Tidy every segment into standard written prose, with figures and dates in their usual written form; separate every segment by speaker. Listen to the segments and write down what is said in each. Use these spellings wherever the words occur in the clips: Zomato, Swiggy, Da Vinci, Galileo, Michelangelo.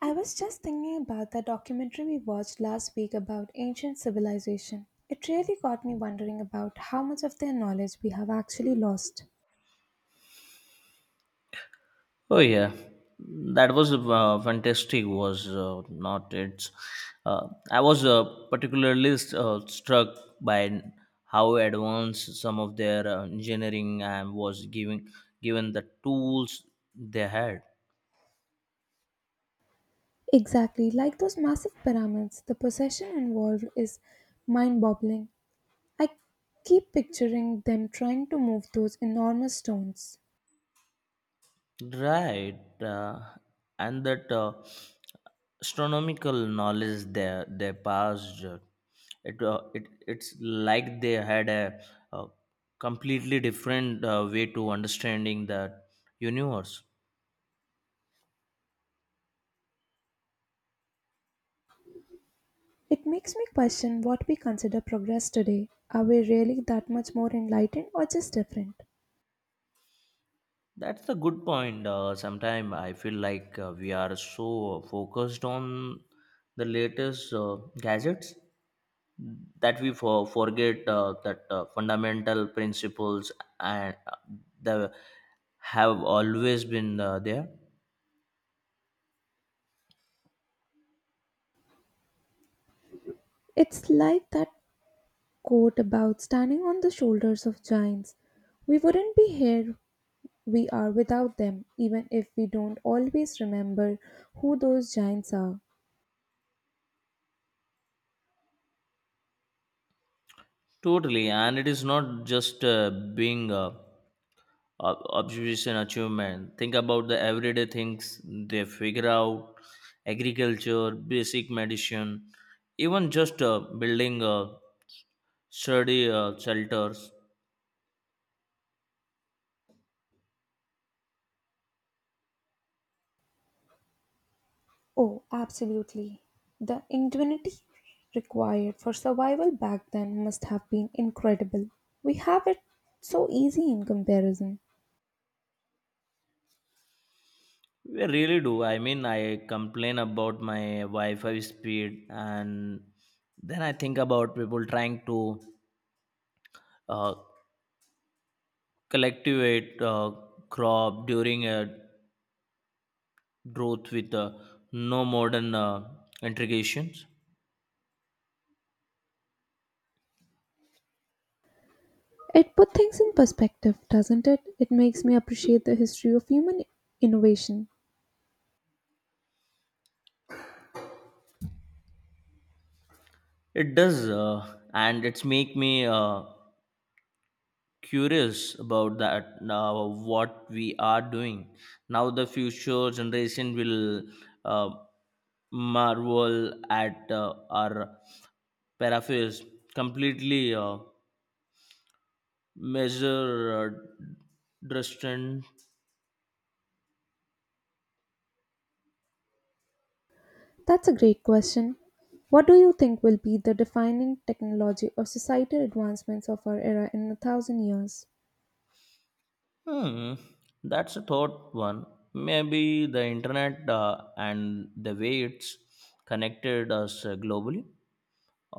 Speaker 1: I was just thinking about the documentary we watched last week about ancient civilization. It really got me wondering about how much of their knowledge we have actually lost.
Speaker 2: Oh yeah, that was fantastic. Was not it? I was particularly struck by how advanced some of their engineering and was giving given the tools they had.
Speaker 1: Exactly, like those massive pyramids, the possession involved is mind boggling. I keep picturing them trying to move those enormous stones.
Speaker 2: Right, and that astronomical knowledge they passed, it's like they had a, uh completely different way to understanding the universe.
Speaker 1: It makes me question what we consider progress today. Are we really that much more enlightened or just different?
Speaker 2: That's the good point. Sometimes I feel like we are so focused on the latest gadgets that we forget that fundamental principles and the have always been there.
Speaker 1: It's like that quote about standing on the shoulders of giants. We wouldn't be here we are without them, even if we don't always remember who those giants are.
Speaker 2: Totally, and it is not just being observation achievement. Think about the everyday things they figure out: agriculture, basic medicine, even just building sturdy shelters.
Speaker 1: Oh, absolutely. The ingenuity required for survival back then must have been incredible. We have it so easy in comparison.
Speaker 2: I really do. I mean, I complain about my Wi Fi speed, and then I think about people trying to uh, collectivate crop during a growth with no modern integrations.
Speaker 1: It put things in perspective, doesn't it? It makes me appreciate the history of human innovation.
Speaker 2: It does, and it's make me curious about that now what we are doing now the future generation will uh, marvel at our paraphrase completely measure uh, distant.
Speaker 1: That's a great question. What do you think will be the defining technology or societal advancements of our era in a thousand years?
Speaker 2: hmm that's a thought one. Maybe the internet and the way it's connected us globally,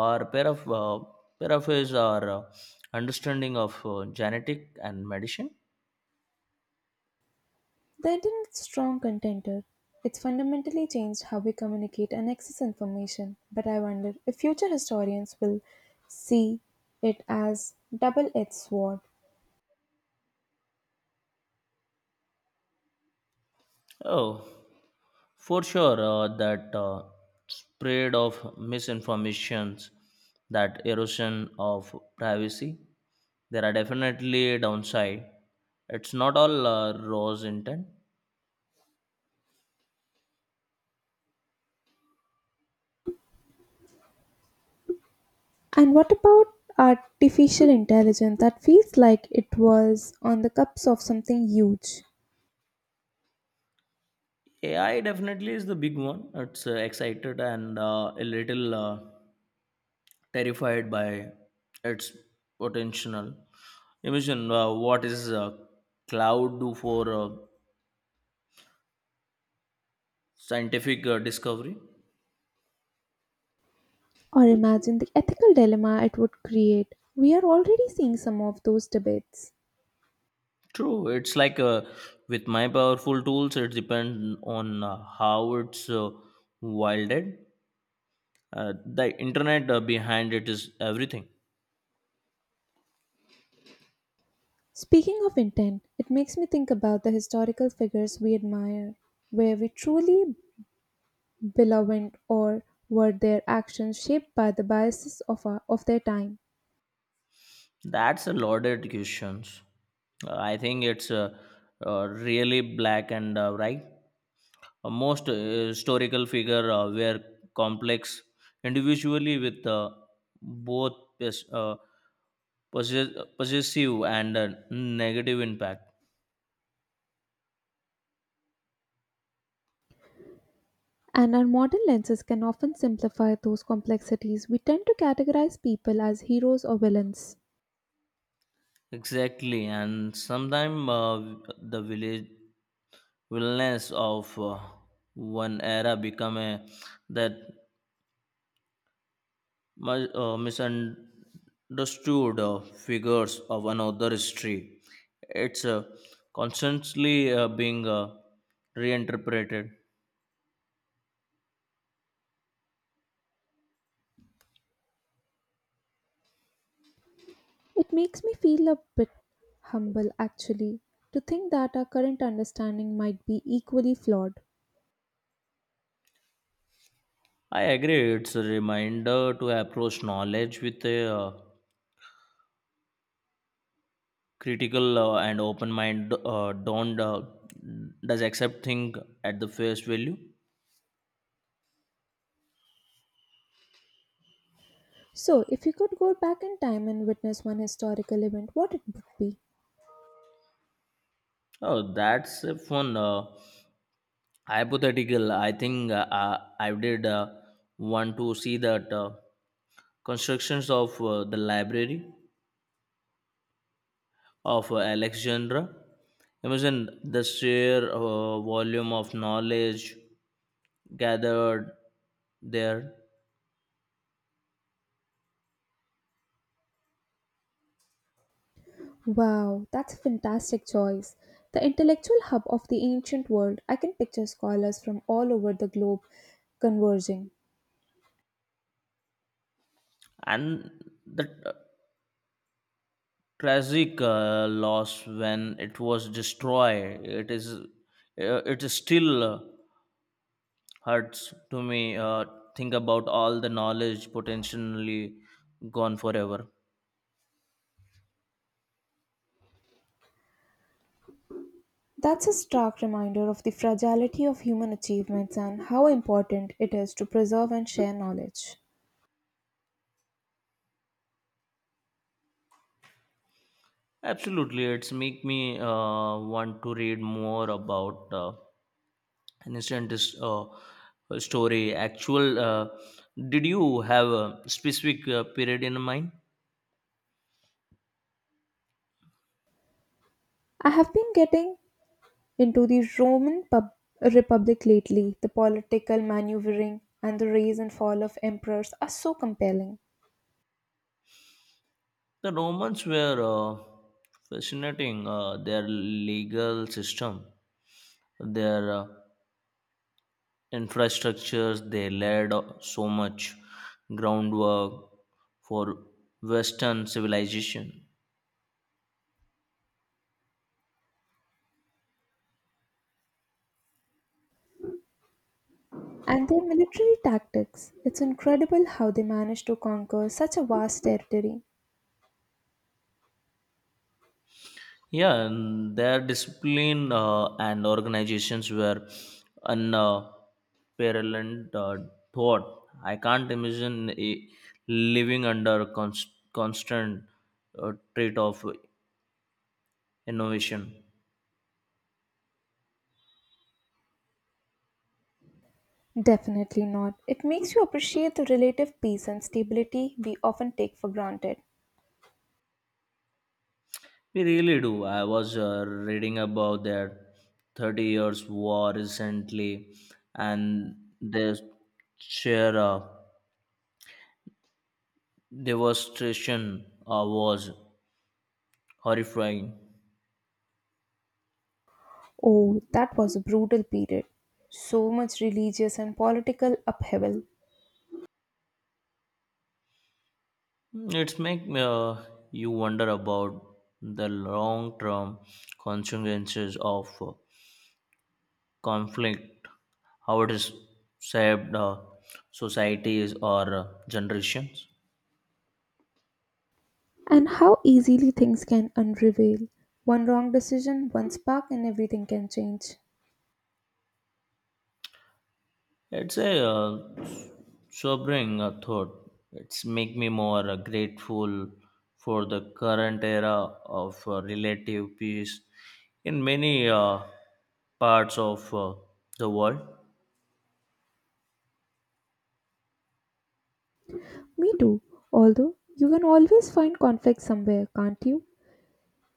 Speaker 2: or pair of his or understanding of genetic and medicine.
Speaker 1: The internet a strong contender. It's fundamentally changed how we communicate and access information, but I wonder if future historians will see it as double-edged sword.
Speaker 2: Oh, for sure, that spread of misinformations, that erosion of privacy, there are definitely downside. It's not all rose intent.
Speaker 1: And what about artificial intelligence that feels like it was on the cups of something huge?
Speaker 2: AI definitely is the big one. It's excited and a little terrified by its potential. Imagine what is cloud do for scientific discovery.
Speaker 1: Or imagine the ethical dilemma it would create. We are already seeing some of those debates.
Speaker 2: True, it's like with my powerful tools, it depends on how it's wielded. The internet behind it is everything.
Speaker 1: Speaking of intent, it makes me think about the historical figures we admire. Were we truly benevolent, or were their actions shaped by the biases of their time?
Speaker 2: That's a loaded questions. I think it's really black and right. Most historical figure were complex individually with both possessive and negative impact.
Speaker 1: And our modern lenses can often simplify those complexities. We tend to categorize people as heroes or villains.
Speaker 2: Exactly, and sometimes the village wilderness of one era become a that misunderstood figures of another history. It's constantly being reinterpreted.
Speaker 1: It makes me feel a bit humble, actually, to think that our current understanding might be equally flawed.
Speaker 2: I agree, it's a reminder to approach knowledge with a critical and open mind. Don't does accept thing at the face value.
Speaker 1: So, if you could go back in time and witness one historical event, what it would be?
Speaker 2: Oh, that's a fun hypothetical. I think I did want to see that constructions of the library of Alexandra. Imagine the sheer volume of knowledge gathered there.
Speaker 1: Wow, that's a fantastic choice. The intellectual hub of the ancient world, I can picture scholars from all over the globe converging.
Speaker 2: And the tragic loss when it was destroyed, it is still hurts to me think about all the knowledge potentially gone forever.
Speaker 1: That's a stark reminder of the fragility of human achievements and how important it is to preserve and share knowledge.
Speaker 2: Absolutely, it's make me want to read more about an instant uh, story actual. Did you have a specific period in mind?
Speaker 1: I have been getting into the Roman Republic lately. The political maneuvering and the rise and fall of emperors are so compelling.
Speaker 2: The Romans were fascinating. Their legal system, their infrastructures they laid so much groundwork for Western civilization.
Speaker 1: And their military tactics, it's incredible how they managed to conquer such a vast territory.
Speaker 2: Yeah, and their discipline and organizations were unparalleled. uh, Thought, I can't imagine living under constant threat of innovation.
Speaker 1: Definitely not. It makes you appreciate the relative peace and stability we often take for granted.
Speaker 2: We really do. I was reading about their 30 years war recently and their sheer devastation was horrifying.
Speaker 1: Oh, that was a brutal period. So much religious and political upheaval.
Speaker 2: It's make you wonder about the long term consequences of conflict, how it is shaped societies or generations.
Speaker 1: And how easily things can unravel. One wrong decision, one spark, and everything can change.
Speaker 2: It's a sobering thought. It's make me more grateful for the current era of relative peace in many parts of the world.
Speaker 1: Me too. Although you can always find conflict somewhere, can't you?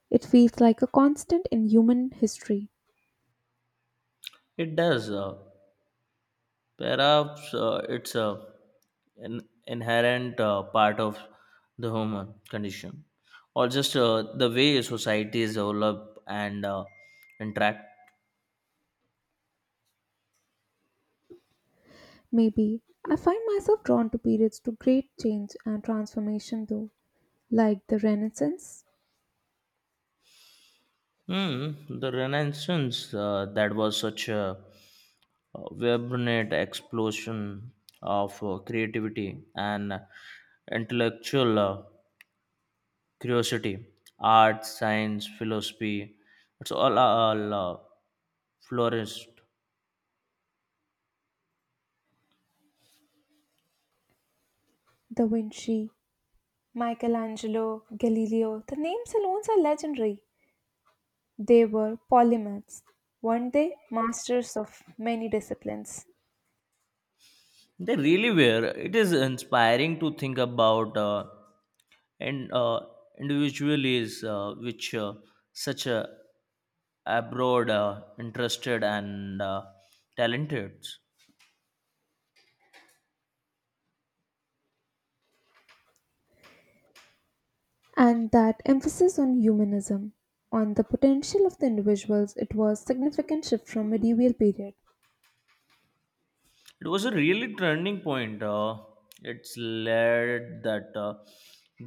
Speaker 1: It feels like a constant in human history.
Speaker 2: It does. Perhaps it's a an inherent part of the human condition, or just the way societies develop and interact.
Speaker 1: Maybe. I find myself drawn to periods to great change and transformation, though, like the Renaissance,
Speaker 2: Hmm. The Renaissance, that was such a vibrant explosion of creativity and intellectual curiosity, art, science, philosophy. It's all flourished.
Speaker 1: Da Vinci, Michelangelo, Galileo. The names alone are legendary. They were polymaths, weren't they? Masters of many disciplines.
Speaker 2: They really were. It is inspiring to think about and individuals which such a abroad interested and talented.
Speaker 1: And that emphasis on humanism, on the potential of the individuals, it was significant shift from medieval period.
Speaker 2: It was a really turning point. It's laid that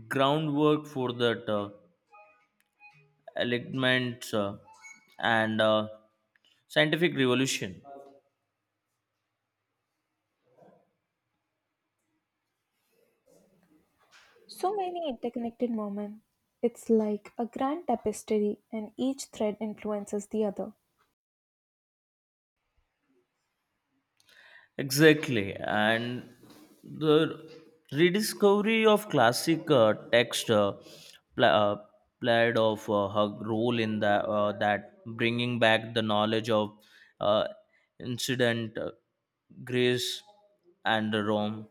Speaker 2: groundwork for that alignment and scientific revolution.
Speaker 1: So many interconnected moments. It's like a grand tapestry, and each thread influences the other.
Speaker 2: Exactly, and the rediscovery of classic text pla uh, played of her role in that bringing back the knowledge of uh, incident, Greece, and Rome.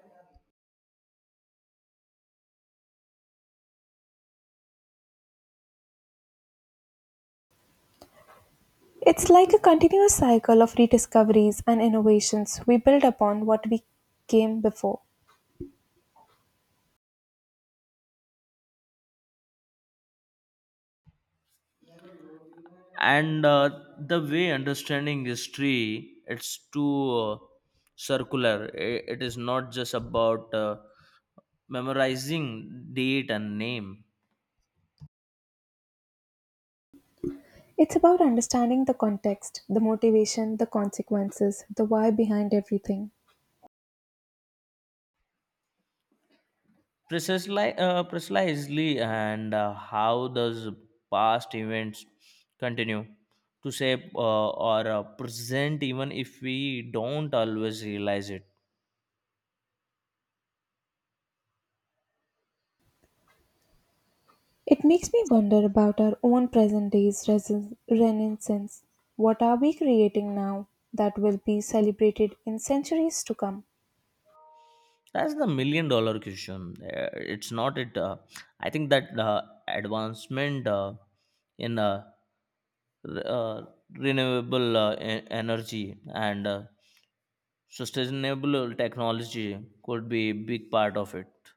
Speaker 1: It's like a continuous cycle of rediscoveries and innovations. We build upon what we came before.
Speaker 2: And the way understanding history it's too circular. It is not just about memorizing date and name.
Speaker 1: It's about understanding the context, the motivation, the consequences, the why behind everything.
Speaker 2: Precisely, and how does past events continue to shape or present, even if we don't always realize it.
Speaker 1: It makes me wonder about our own present day's renaissance. What are we creating now that will be celebrated in centuries to come?
Speaker 2: That's the million dollar question. It's not it. I think that advancement in re- uh, renewable energy and sustainable technology could be a big part of it.